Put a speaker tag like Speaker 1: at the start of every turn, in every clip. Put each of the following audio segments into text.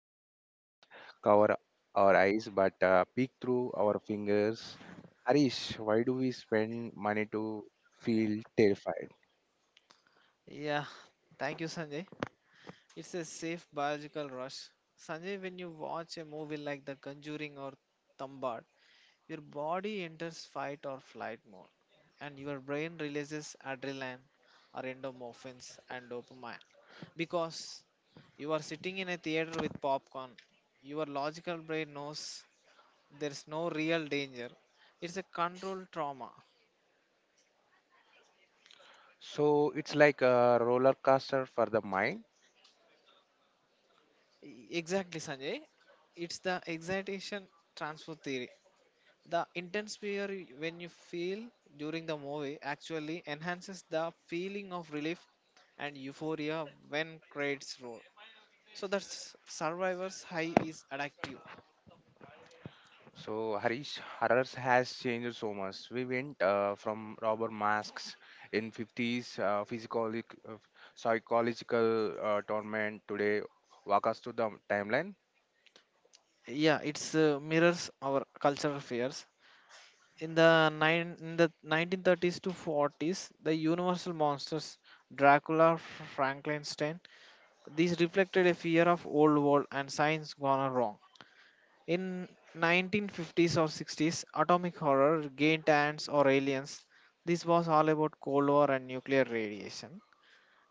Speaker 1: make us cover our eyes but peek through our fingers. Harish, why do we spend money to feel terrified?
Speaker 2: Yeah, thank you, Sanjay. It's a safe biological rush. Sanjay, when you watch a movie like The Conjuring or Thambad, your body enters fight or flight mode, and your brain releases adrenaline or endomorphins and dopamine. Because you are sitting in a theater with popcorn, your logical brain knows there's no real danger. It's a controlled trauma.
Speaker 1: So it's like a roller coaster for the mind.
Speaker 2: Exactly, Sanjay. It's the excitation transfer theory. The intense fear when you feel during the movie actually enhances the feeling of relief and euphoria when credits roll. So that's survivor's high is addictive.
Speaker 1: So Harish, horrors has changed so much. We went from rubber masks in '50s, physical, psychological torment today. Walk us through the timeline.
Speaker 2: Yeah, it's mirrors our cultural fears. In the 1930s to 40s, the universal monsters Dracula, Frankenstein, these reflected a fear of old world and science gone wrong. In 1950s or 60s, atomic horror gained ants or aliens. This was all about Cold War and nuclear radiation.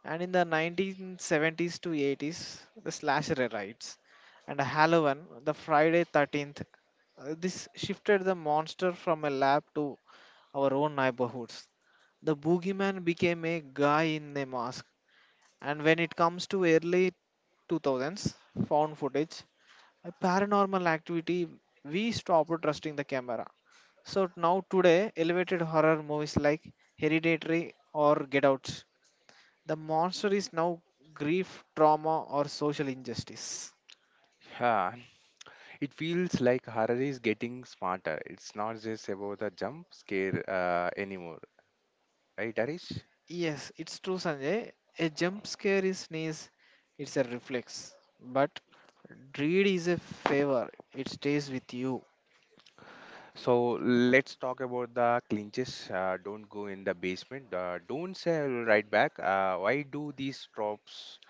Speaker 2: And in the 1970s to 80s, the slasher rights and Halloween, the Friday 13th. This shifted the monster from a lab to our own neighborhoods. The boogeyman became a guy in a mask. And when it comes to early 2000s, found footage a paranormal activity, we stopped trusting the camera. So now today, elevated horror movies like Hereditary or Get Out, the monster is now grief, trauma, or social injustice.
Speaker 1: Yeah, it feels like horror is getting smarter. It's not just about the jump scare anymore, right, Arish?
Speaker 2: Yes, it's true, Sanjay. A jump scare is sneeze, it's a reflex. But dread is a favor, it stays with you.
Speaker 1: So let's talk about the clinches. Don't go in the basement. Don't say "I will right back. Why do these tropes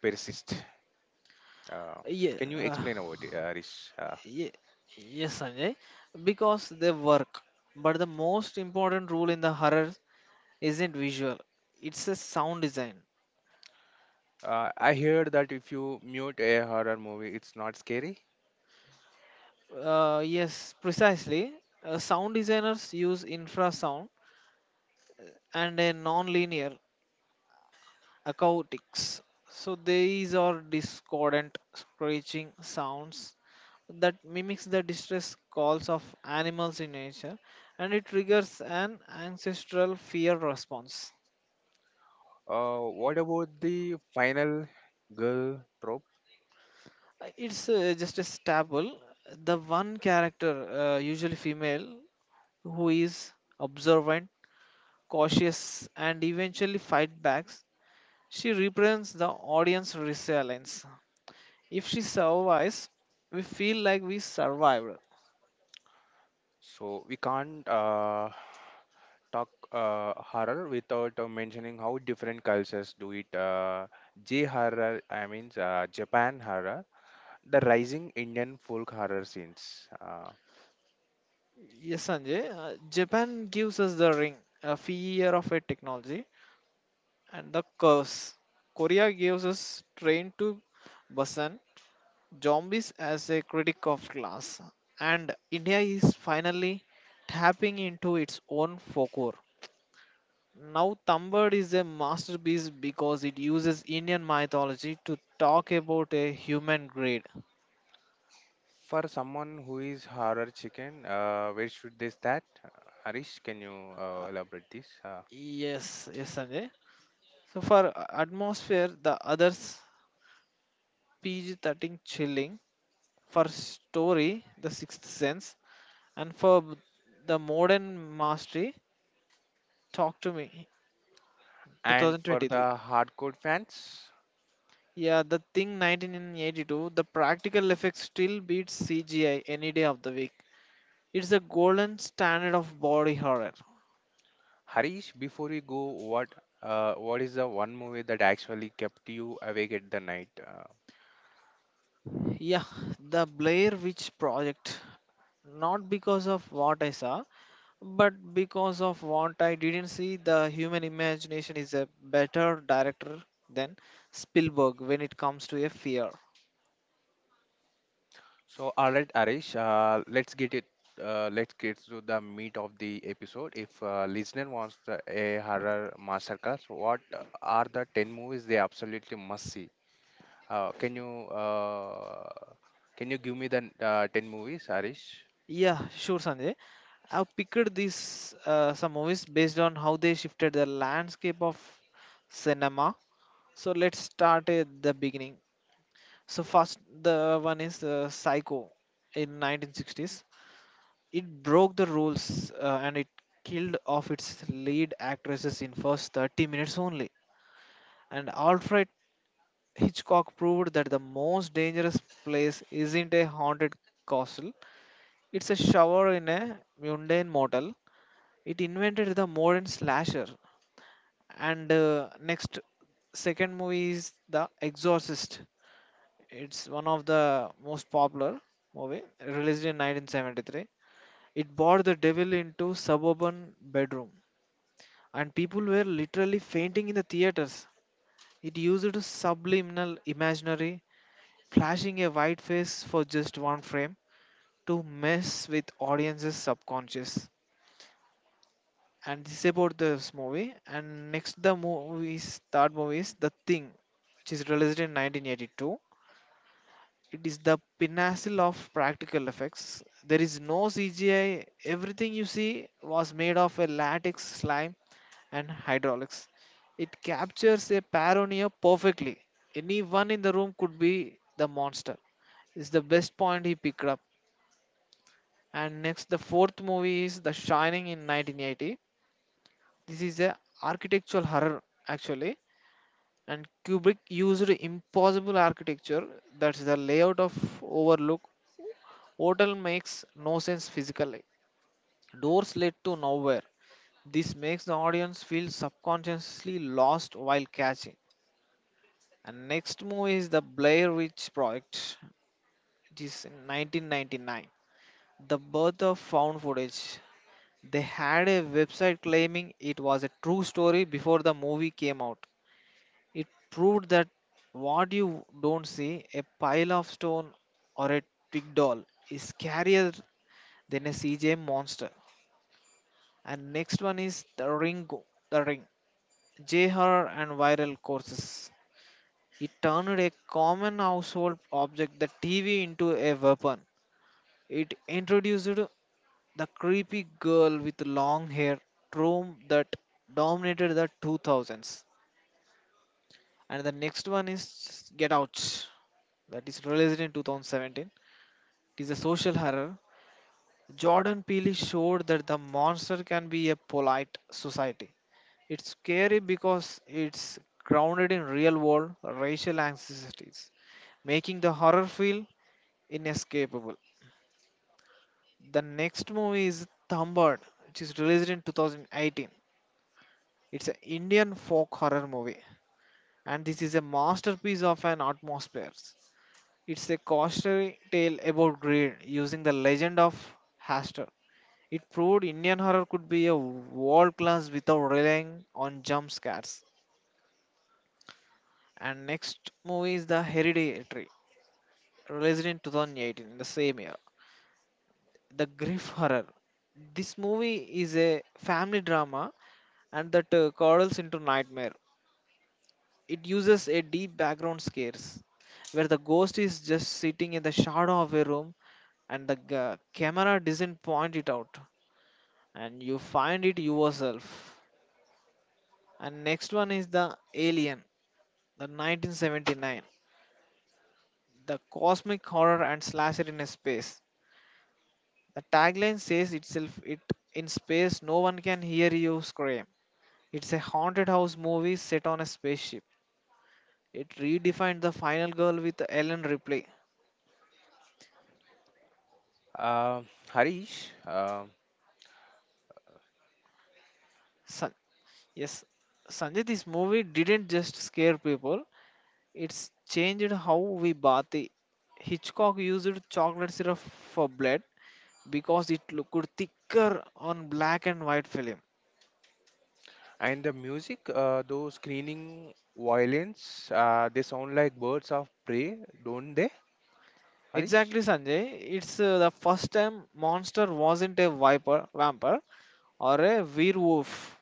Speaker 1: persist? Uh,
Speaker 2: Yeah,
Speaker 1: can you explain about it, Arish?
Speaker 2: ye- yes, Sanjay. Because they work. But the most important rule in the horror isn't visual, it's a sound design.
Speaker 1: I heard that if you mute a horror movie, it's not scary.
Speaker 2: Yes, precisely. Sound designers use infrasound and a non-linear acoustics, so these are discordant screeching sounds that mimics the distress calls of animals in nature, and it triggers an ancestral fear response.
Speaker 1: What about the final girl trope?
Speaker 2: It's just a staple, the one character, usually female, who is observant, cautious, and eventually fight back. She represents the audience resilience. If she survives, we feel like we survived.
Speaker 1: So we can't talk horror without mentioning how different cultures do it. J horror, I mean, Japan horror, the rising Indian folk horror scenes.
Speaker 2: Yes, Sanjay, Japan gives us The Ring, a fear of a technology, and the curse. Korea gives us Train to Busan, zombies as a critic of class, and India is finally tapping into its own folklore. Now, Tambad is a masterpiece because it uses Indian mythology to talk about a human grade.
Speaker 1: For someone who is horror chicken, where should they start? Harish, can you elaborate this?
Speaker 2: Yes, yes, Sanjay. So, for atmosphere, The Others, PG-13 chilling; for story, The Sixth Sense; and the modern mastery, Talk to Me
Speaker 1: And for
Speaker 2: 2023.
Speaker 1: the hardcore fans,
Speaker 2: Yeah, The Thing 1982, the practical effects still beats CGI any day of the week. It's a golden standard of body horror.
Speaker 1: Harish, before we go, what is the one movie that actually kept you awake at the night?
Speaker 2: Yeah, The Blair Witch Project. Not because of what I saw, but because of what I didn't see. The human imagination is a better director than Spielberg when it comes to a fear.
Speaker 1: So, all right, Arish, let's get it. Let's get to the meat of the episode. If listener wants a horror masterclass, what are the ten movies they absolutely must see? Can you can you give me the ten movies, Arish?
Speaker 2: Yeah, sure, Sanjay. I've picked these some movies based on how they shifted the landscape of cinema. So let's start at the beginning. So first, the one is Psycho in 1960s. It broke the rules and it killed off its lead actresses in first 30 minutes only. And Alfred Hitchcock proved that the most dangerous place isn't a haunted castle, it's a shower in a mundane motel. It invented the modern slasher. And next, second movie is The Exorcist. It's one of the most popular movie, released in 1973. It brought the devil into suburban bedroom, and people were literally fainting in the theaters. It used a subliminal imaginary, flashing a white face for just one frame to mess with audiences subconscious. And this is about this movie. And next the movie is third movie is The Thing, which is released in 1982. It is the pinnacle of practical effects. There is no CGI. Everything you see was made of a latex slime and hydraulics. It captures a paranoia perfectly. Anyone in the room could be the monster. Is the best point he picked up. And next, the fourth movie is The Shining in 1980. This is a architectural horror actually, and Kubrick used impossible architecture. That's the layout of Overlook Hotel makes no sense physically. Doors lead to nowhere. This makes the audience feel subconsciously lost while catching. And next movie is The Blair Witch Project. It is in 1999. The birth of found footage. They had a website claiming it was a true story before the movie came out. It proved that what you don't see, a pile of stone or a twig doll, is scarier than a CJ monster. And next one is The Ring, the ring, JHR and viral courses. It turned a common household object, the TV, into a weapon. It introduced the creepy girl with long hair trope that dominated the 2000s. And the next one is Get Out, that is released in 2017. It is a social horror. Jordan Peele showed that the monster can be a polite society. It's scary because it's grounded in real world racial anxieties, making the horror feel inescapable. The next movie is Thambad, which is released in 2018. It's an Indian folk horror movie, and this is a masterpiece of an atmosphere. It's a cautionary tale about greed using the legend of Haster. It proved Indian horror could be a world class without relying on jump scares. And next movie is The Hereditary, released in 2018, the same year. The Griff Horror. This movie is a family drama and that curdles into nightmare. It uses a deep background scares where the ghost is just sitting in the shadow of a room, and the camera doesn't point it out, and you find it yourself. And next one is the Alien, the 1979, the cosmic horror and slasher in a space. The tagline says itself, it in space no one can hear you scream. It's a haunted house movie set on a spaceship. It redefined the final girl with Ellen Ripley.
Speaker 1: Uh, Harish,
Speaker 2: Yes, Sanjay, this movie didn't just scare people, it's changed how we bathe. Hitchcock used chocolate syrup for blood because it looked thicker on black and white film.
Speaker 1: and the music, those screening violins, they sound like birds of prey, don't they, Harish?
Speaker 2: Exactly, Sanjay. It's the first time monster wasn't a viper, vampire or a werewolf,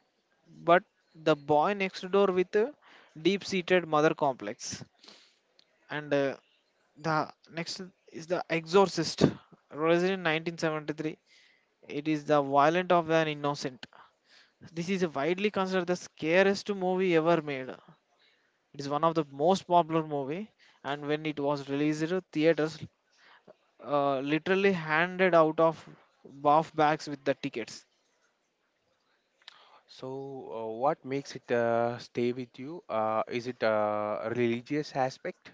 Speaker 2: but the boy next door with a deep-seated mother complex. And the next is The Exorcist, released in 1973. It is the violent of an innocent. This is widely considered the scariest movie ever made. It is one of the most popular movie, and when it was released theaters literally handed out of buff bags with the tickets.
Speaker 1: So, what makes it stay with you? Is it a religious aspect?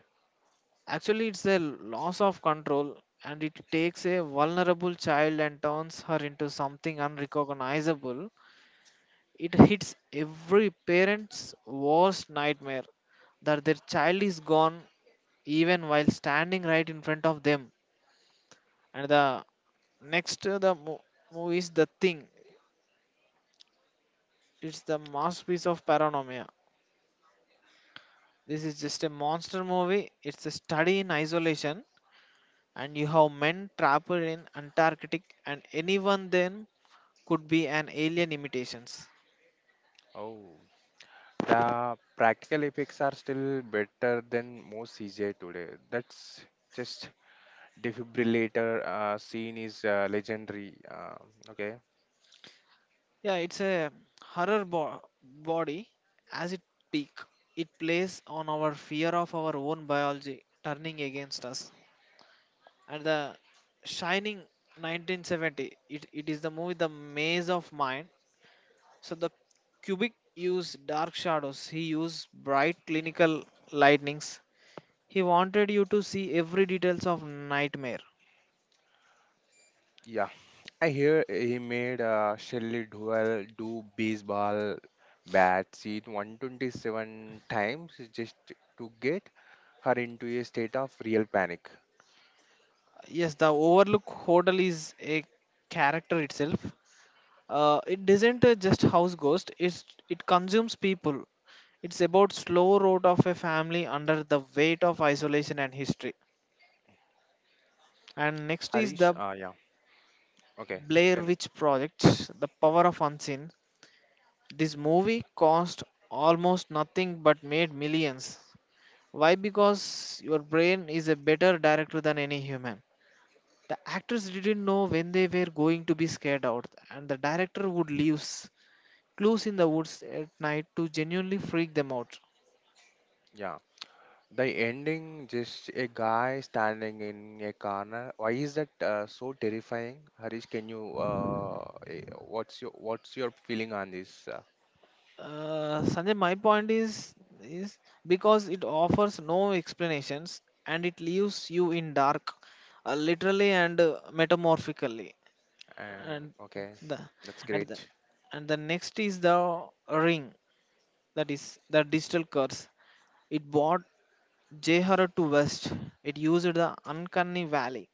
Speaker 2: Actually it's a loss of control, and it takes a vulnerable child and turns her into something unrecognizable. It hits every parent's worst nightmare that their child is gone even while standing right in front of them. And the next movie is The Thing. It's the masterpiece of paranormia. This is just a monster movie. It's a study in isolation, and you have men trapped in Antarctic, and anyone then could be an alien imitations.
Speaker 1: Oh, the practical effects are still better than most CGI today. That's just defibrillator scene is legendary. Okay,
Speaker 2: Yeah, it's a horror body as it peak. It plays on our fear of our own biology turning against us. And the Shining 1970, it is the movie The Maze of Mind. So the Kubrick used dark shadows. He used bright clinical lightnings. He wanted you to see every details of nightmare.
Speaker 1: yeah. I hear he made Shelley Duval do baseball bat scene 127 times just to get her into a state of real panic.
Speaker 2: Yes, the Overlook Hotel is a character itself. It isn't just house ghost. It consumes people. It's about slow road of a family under the weight of isolation and history. And next is
Speaker 1: Harish,
Speaker 2: The
Speaker 1: yeah. Okay, you
Speaker 2: Blair
Speaker 1: can.
Speaker 2: Witch Project, the power of unseen. This movie cost almost nothing but made millions. Why? Because your brain is a better director than any human. The actors didn't know when they were going to be scared out, and the director would leave clues in the woods at night to genuinely freak them out.
Speaker 1: Yeah, the ending, just a guy standing in a corner. Why is that so terrifying? Harish, can you what's your feeling on this?
Speaker 2: Sanjay, my point is is because it offers no explanations and it leaves you in dark, literally and metamorphically.
Speaker 1: And
Speaker 2: And
Speaker 1: okay,
Speaker 2: the
Speaker 1: that's
Speaker 2: and the
Speaker 1: great.
Speaker 2: and the next is The Ring, that is the digital curse. It brought Jehara to West. It used the uncanny valley.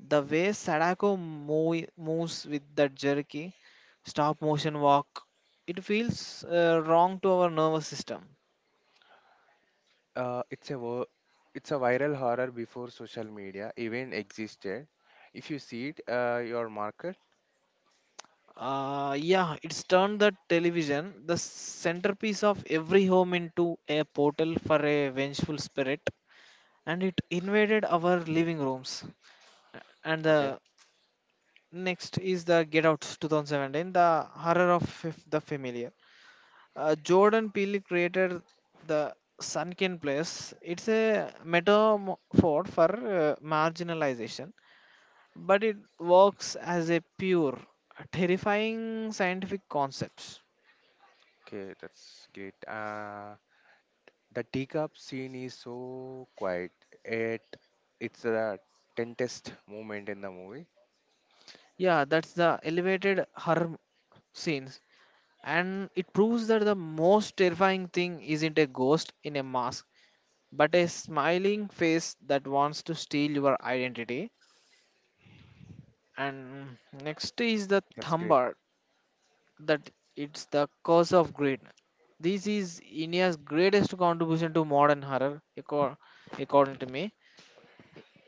Speaker 2: The way Sadako moves with that jerky, stop motion walk, it feels wrong to our nervous system.
Speaker 1: Uh, it's a wo- it's a viral horror before social media even existed. If you see it, your market.
Speaker 2: Yeah, it's turned the television, the centerpiece of every home, into a portal for a vengeful spirit, and it invaded our living rooms. And
Speaker 1: Okay,
Speaker 2: the next is the Get Out 2017, the horror of the familiar. Jordan Peele created the sunken place. It's a metaphor for marginalization, but it works as a pure, terrifying scientific concept.
Speaker 1: okay, that's great. The teacup scene is so quiet. It it's the tensest moment in the movie.
Speaker 2: Yeah, that's the elevated horror scenes, and it proves that the most terrifying thing isn't a ghost in a mask, but a smiling face that wants to steal your identity. And next is the
Speaker 1: That's great.
Speaker 2: Thumbar, that it's the curse of greed. This is India's greatest contribution to modern horror, according to me.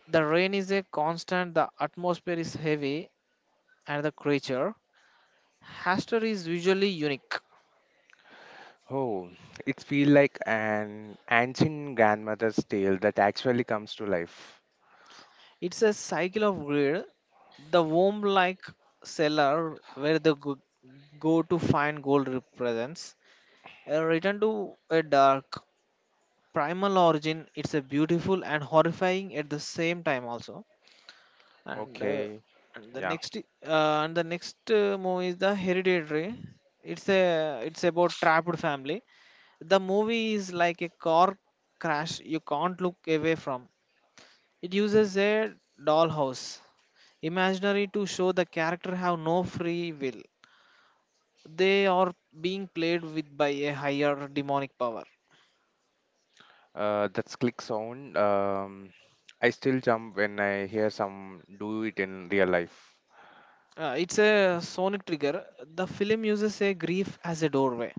Speaker 2: The rain is a constant, the atmosphere is heavy, and the creature, Haster, is visually unique.
Speaker 1: Oh, it feels like an ancient grandmother's tale that actually comes to life.
Speaker 2: It's a cycle of greed, the womb like cellar where the go to find gold represents a return to a dark, primal origin. It's a beautiful and horrifying at the same time, also and uh,
Speaker 1: Okay, yeah.
Speaker 2: and the next movie is the hereditary. It's about trapped family. The movie is like a car crash you can't look away from. It uses a dollhouse imaginary to show the character have no free will. They are being played with by a higher demonic power.
Speaker 1: That's click sound. I still jump when I hear some do it in real life.
Speaker 2: It's a sonic trigger. The film uses a grief as a doorway.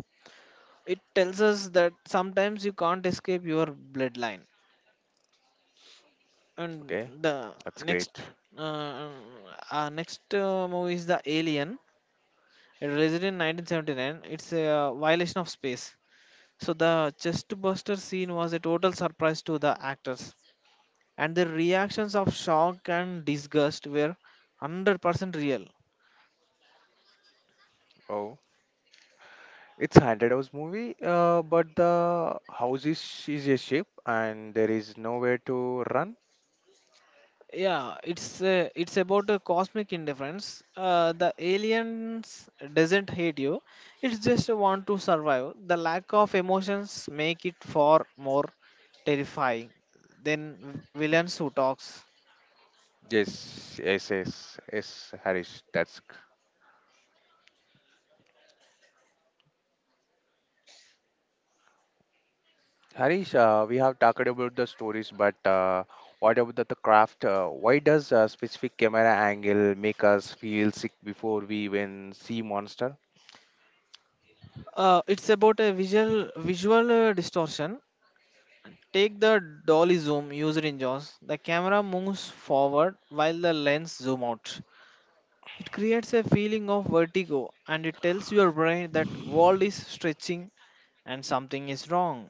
Speaker 2: It tells us that sometimes you can't escape your bloodline. And
Speaker 1: Okay,
Speaker 2: the
Speaker 1: that's
Speaker 2: next
Speaker 1: great.
Speaker 2: uh, next movie is the alien. It released in 1979. It's a violation of space. So the chest buster scene was a total surprise to the actors, and the reactions of shock and disgust were 100% real.
Speaker 1: Oh, it's haunted house movie. But the house is a ship and there is nowhere to run.
Speaker 2: It's about a cosmic indifference. The aliens doesn't hate you, it's just want to survive. The lack of emotions make it far more terrifying than villains who talks.
Speaker 1: Yes, yes, yes, yes, Harish, Harish. We have talked about the stories, but what about the craft? Why does a specific camera angle make us feel sick before we even see monster?
Speaker 2: It's about a visual distortion. Take the dolly zoom used in jaws. The camera moves forward while the lens zoom out. It creates a feeling of vertigo and it tells your brain that world is stretching and something is wrong.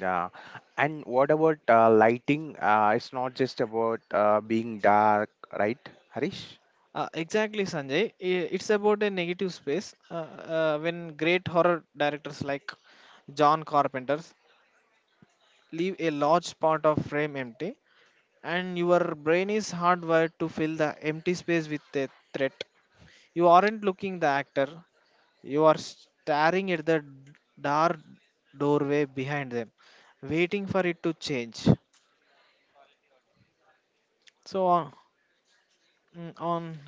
Speaker 1: Yeah, and what about lighting? It's not just about being dark, right, Harish?
Speaker 2: Exactly, Sanjay. It's about a negative space. When great horror directors like John Carpenter leave a large part of frame empty, and your brain is hardwired to fill the empty space with a threat. You aren't looking the actor; you are staring at the dark doorway behind them, waiting for it to change. So on, mm, on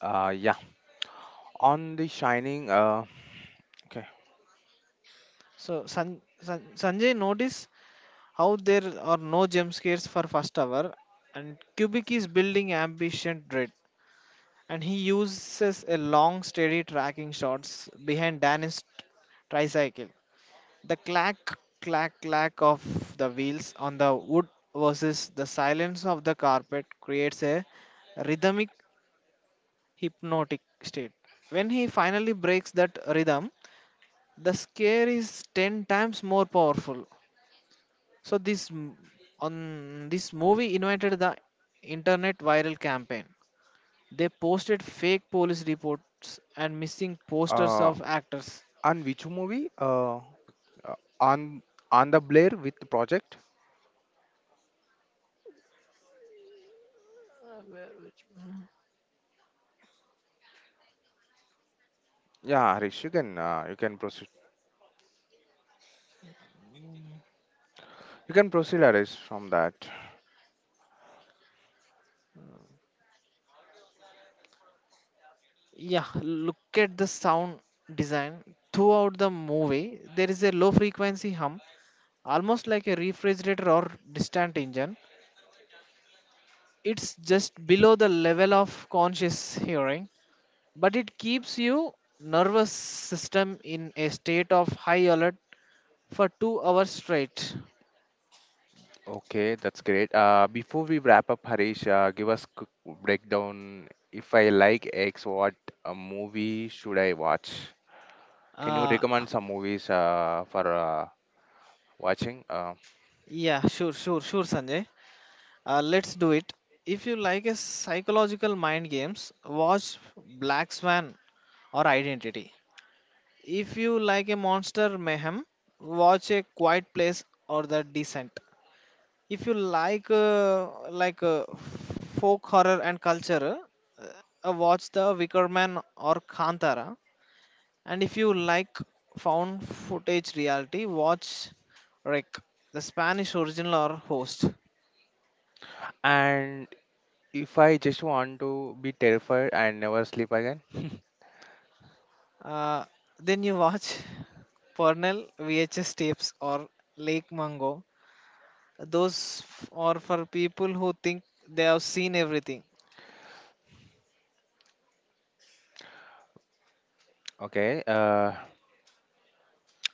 Speaker 1: Yeah. On the Shining, okay,
Speaker 2: So Sanjay, notice how there are no jump scares for first hour, and Kubik is building ambient dread, and he uses a long, steady tracking shots behind Dan's tricycle. The clack, clack, clack of the wheels on the wood versus the silence of the carpet creates a rhythmic hypnotic state. When he finally breaks that rhythm, the scare is 10 times more powerful. So this m- on this movie invited the internet viral campaign. They posted fake police reports and missing posters
Speaker 1: uh,
Speaker 2: of actors.
Speaker 1: on which movie? On the Blair with project? Yeah, Harish, you can proceed. You can proceed, Harish, from that.
Speaker 2: Yeah, look at the sound design. Throughout the movie, there is a low frequency hum, almost like a refrigerator or distant engine. It's just below the level of conscious hearing, but it keeps you nervous system in a state of high alert for 2 hours straight.
Speaker 1: Okay, that's great. Before we wrap up, Harish, give us quick breakdown. If I like X, what movie should I watch? Can you
Speaker 2: Uh,
Speaker 1: recommend some movies for watching?
Speaker 2: yeah, sure, sure, sure, Sanjay. Let's do it. If you like a psychological mind games, watch Black Swan or Identity. If you like a monster mayhem, watch a quiet place or the descent. If you like folk horror and culture, uh, watch the Wicker Man or Kantara. And if you like found footage reality, watch Rick, the Spanish original or host.
Speaker 1: And if I just want to be terrified and never sleep again,
Speaker 2: Uh, then you watch Pernell VHS tapes or Lake Mango. Are for people who think they have seen everything.
Speaker 1: okay.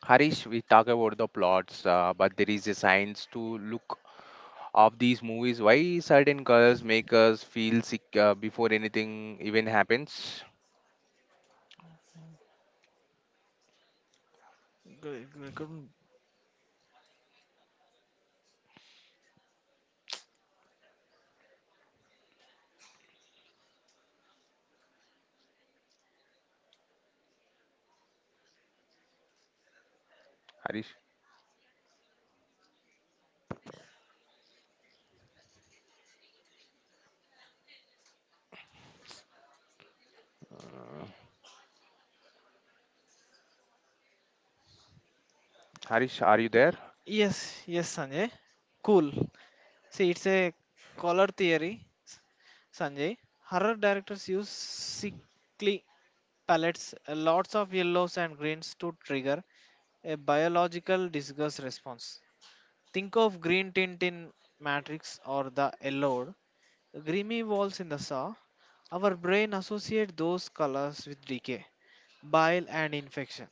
Speaker 1: Harish, we talk about the plots, but there is a science to look of these movies, why certain colors make us feel sick before anything even happens.
Speaker 2: Good, good, good.
Speaker 1: Harish, Harish, are you there?
Speaker 2: Y- Yes, yes, Sanjay. Cool. See, it's a color theory, Sanjay. Horror directors use sickly palettes, lots of yellows and greens to trigger a biological disgust response. Think of green tint in Matrix or the yellowed, grimy walls in the Saw. Our brain associate those colors with decay, bile, and infection.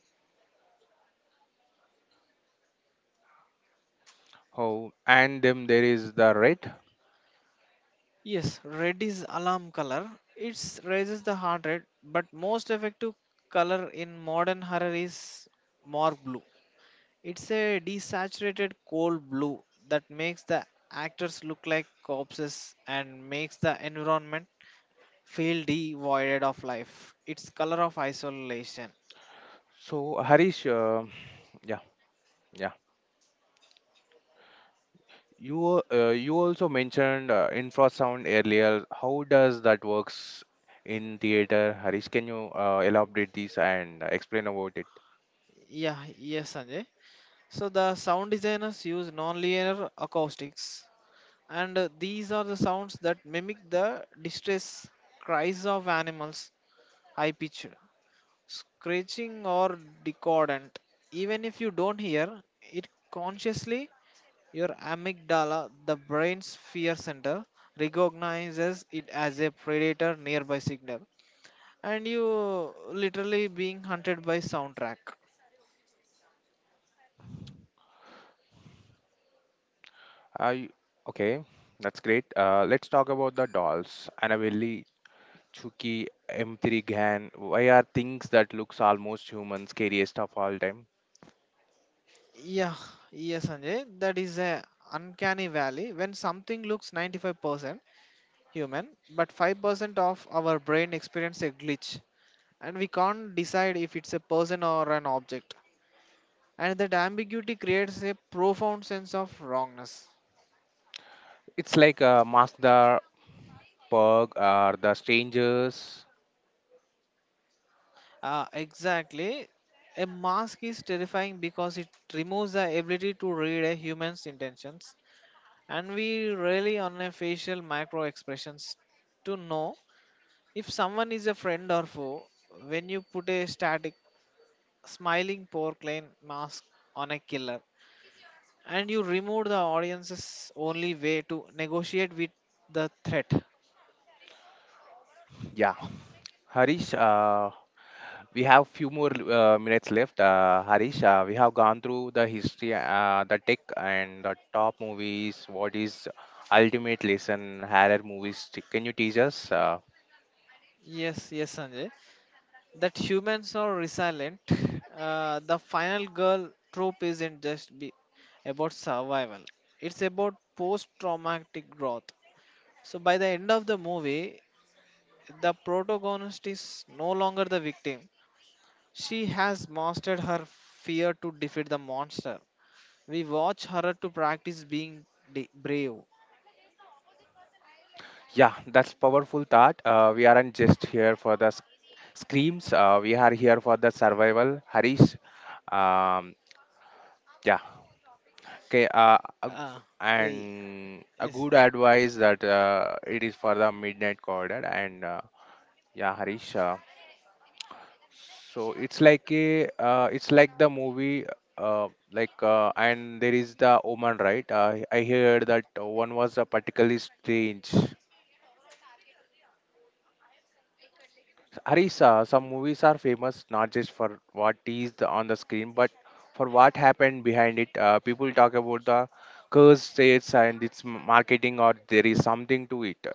Speaker 1: Oh, and then there is the red.
Speaker 2: Yes, red is alarm color. It raises the heart rate, but most effective color in modern horror is morgue blue. It's a desaturated cold blue that makes the actors look like corpses and makes the environment feel devoid of life. It's color of isolation.
Speaker 1: So Harish, yeah, yeah. You you also mentioned infrasound earlier. How does that works in theater? Harish, can you elaborate this and explain about it?
Speaker 2: Yeah, yes, Sanjay. So the sound designers use non-linear acoustics, and these are the sounds that mimic the distress cries of animals, high pitched screeching or discordant. Even if you don't hear it consciously, your amygdala, the brain's fear center, recognizes it as a predator nearby signal, and you literally being hunted by soundtrack.
Speaker 1: I okay, that's great. Let's talk about the dolls. Annabelle Chucky, M3 Gan. Why are things that looks almost human scariest of all time?
Speaker 2: Yeah, yes, Sanjay, that is a uncanny valley. When something looks 95% human, but 5% of our brain experience a glitch, and we can't decide if it's a person or an object. And that ambiguity creates a profound sense of wrongness.
Speaker 1: It's like Mask the Pug or The Strangers.
Speaker 2: Exactly. A mask is terrifying because it removes the ability to read a human's intentions, and we rely on a facial micro expressions to know if someone is a friend or foe. When you put a static smiling porcelain mask on a killer, and you remove the audience's only way to negotiate with the threat.
Speaker 1: Yeah. Harish, we have few more minutes left. Harish, we have gone through the history, the tech, and the top movies. What is ultimate lesson horror movies? Can you teach us?
Speaker 2: Yes, yes, Sanjay. That humans are resilient. The final girl trope isn't just be about survival. It's about post-traumatic growth. So by the end of the movie, the protagonist is no longer the victim. She has mastered her fear to defeat the monster. We watch her to practice being brave.
Speaker 1: Yeah, that's powerful thought. We aren't just here for the screams. We are here for the survival. Harish. Um, yeah. Okay.
Speaker 2: Ah, yeah, yeah.
Speaker 1: And a
Speaker 2: Yes.
Speaker 1: good advice that it is for the midnight corridor. And yeah, Harish. So it's like a. It's like the movie. And there is the Oman, right? I heard that one was a particularly strange. Harisa, some movies are famous not just for what is on the screen, but for what happened behind it. People talk about the curse states and its marketing, or there is something to it.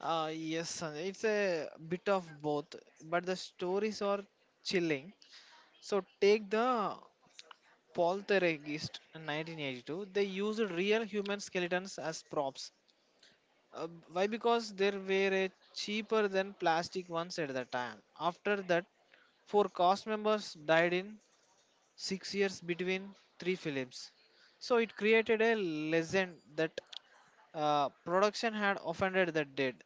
Speaker 2: Yes, son. It's a bit of both, but the stories are chilling. So take the poltergeist in 1982. They used real human skeletons as props. Why? Because they were cheaper than plastic ones at the time. After that, four cast members died in 6 years between three films. So it created a legend that production had offended the dead.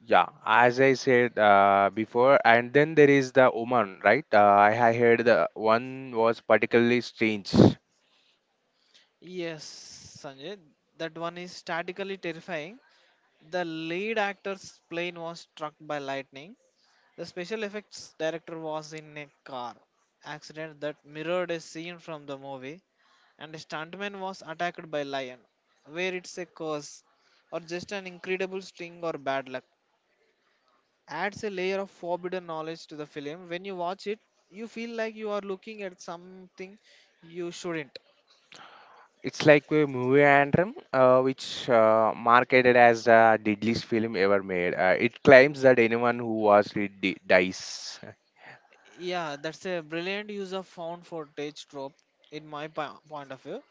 Speaker 1: Yeah, as I said before, and then there is the Oman, right? I heard the one was particularly strange.
Speaker 2: Yes, Sanjay, that one is statically terrifying. The lead actor's plane was struck by lightning. The special effects director was in a car accident that mirrored a scene from the movie, and a stuntman was attacked by lion. Where it's a curse or just an incredible sting or bad luck adds a layer of forbidden knowledge to the film. When you watch it, you feel like you are looking at something you shouldn't.
Speaker 1: It's like a movie anthem, which marketed as the deadliest film ever made. It claims that anyone who was it dies.
Speaker 2: Yeah, that's a brilliant use of found footage trope in my point of view,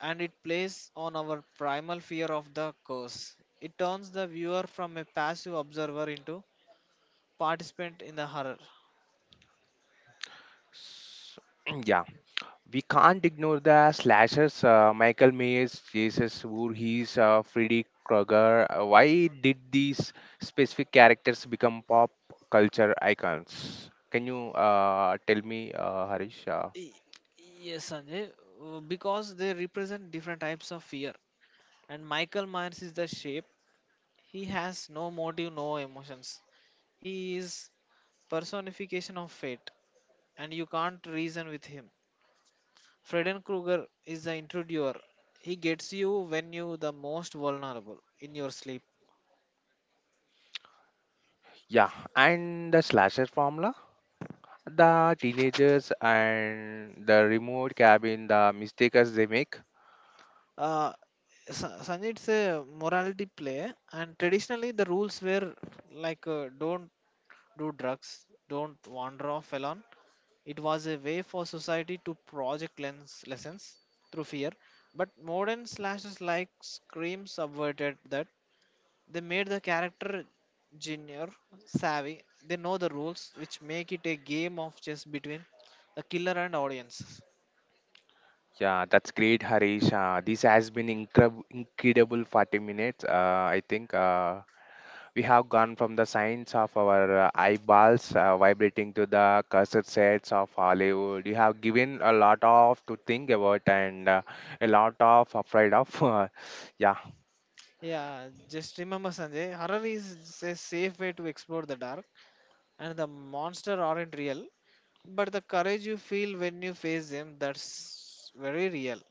Speaker 2: and it plays on our primal fear of the curse. It turns the viewer from a passive observer into participant in the horror.
Speaker 1: S- Yeah, we can't ignore the slashers. Michael Myers, Jesus Voorhees, Freddy Krueger. Why did these specific characters become pop culture icons? Can you tell me, Harish?
Speaker 2: Y- Yes, Sanjay, because they represent different types of fear, and Michael Myers is the shape. He has no motive, no emotions. He is personification of fate, and you can't reason with him. Fredden Krueger is the intruder. He gets you when you the most vulnerable in your sleep.
Speaker 1: Yeah, and the slasher formula, the teenagers and the remote cabin, the mistakes they make.
Speaker 2: Uh, Sanjay, it's a morality play, and traditionally the rules were like don't do drugs, don't wander off alone. It was a way for society to project lens lessons through fear. But modern slashes like Scream subverted that. They made the character junior savvy. They know the rules, which make it a game of chess between the killer and audiences.
Speaker 1: Yeah, that's great, Harish. This has been increb incredible 40 minutes. I think. We have gone from the science of our eyeballs vibrating to the cursed sets of Hollywood. You have given a lot of to think about and a lot of afraid of. Yeah,
Speaker 2: Yeah, just remember, Sanjay, horror is a safe way to explore the dark, and the monster aren't real, but the courage you feel when you face them, that's very real.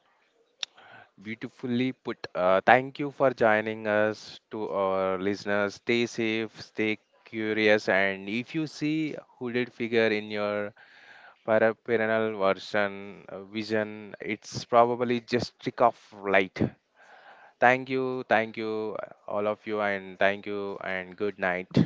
Speaker 1: beautifully put. Thank you for joining us to our listeners. Stay safe, stay curious, and if you see hooded figure in your paraphernalia version vision, it's probably just trick of light. Thank you, all of you, and thank you, and good night.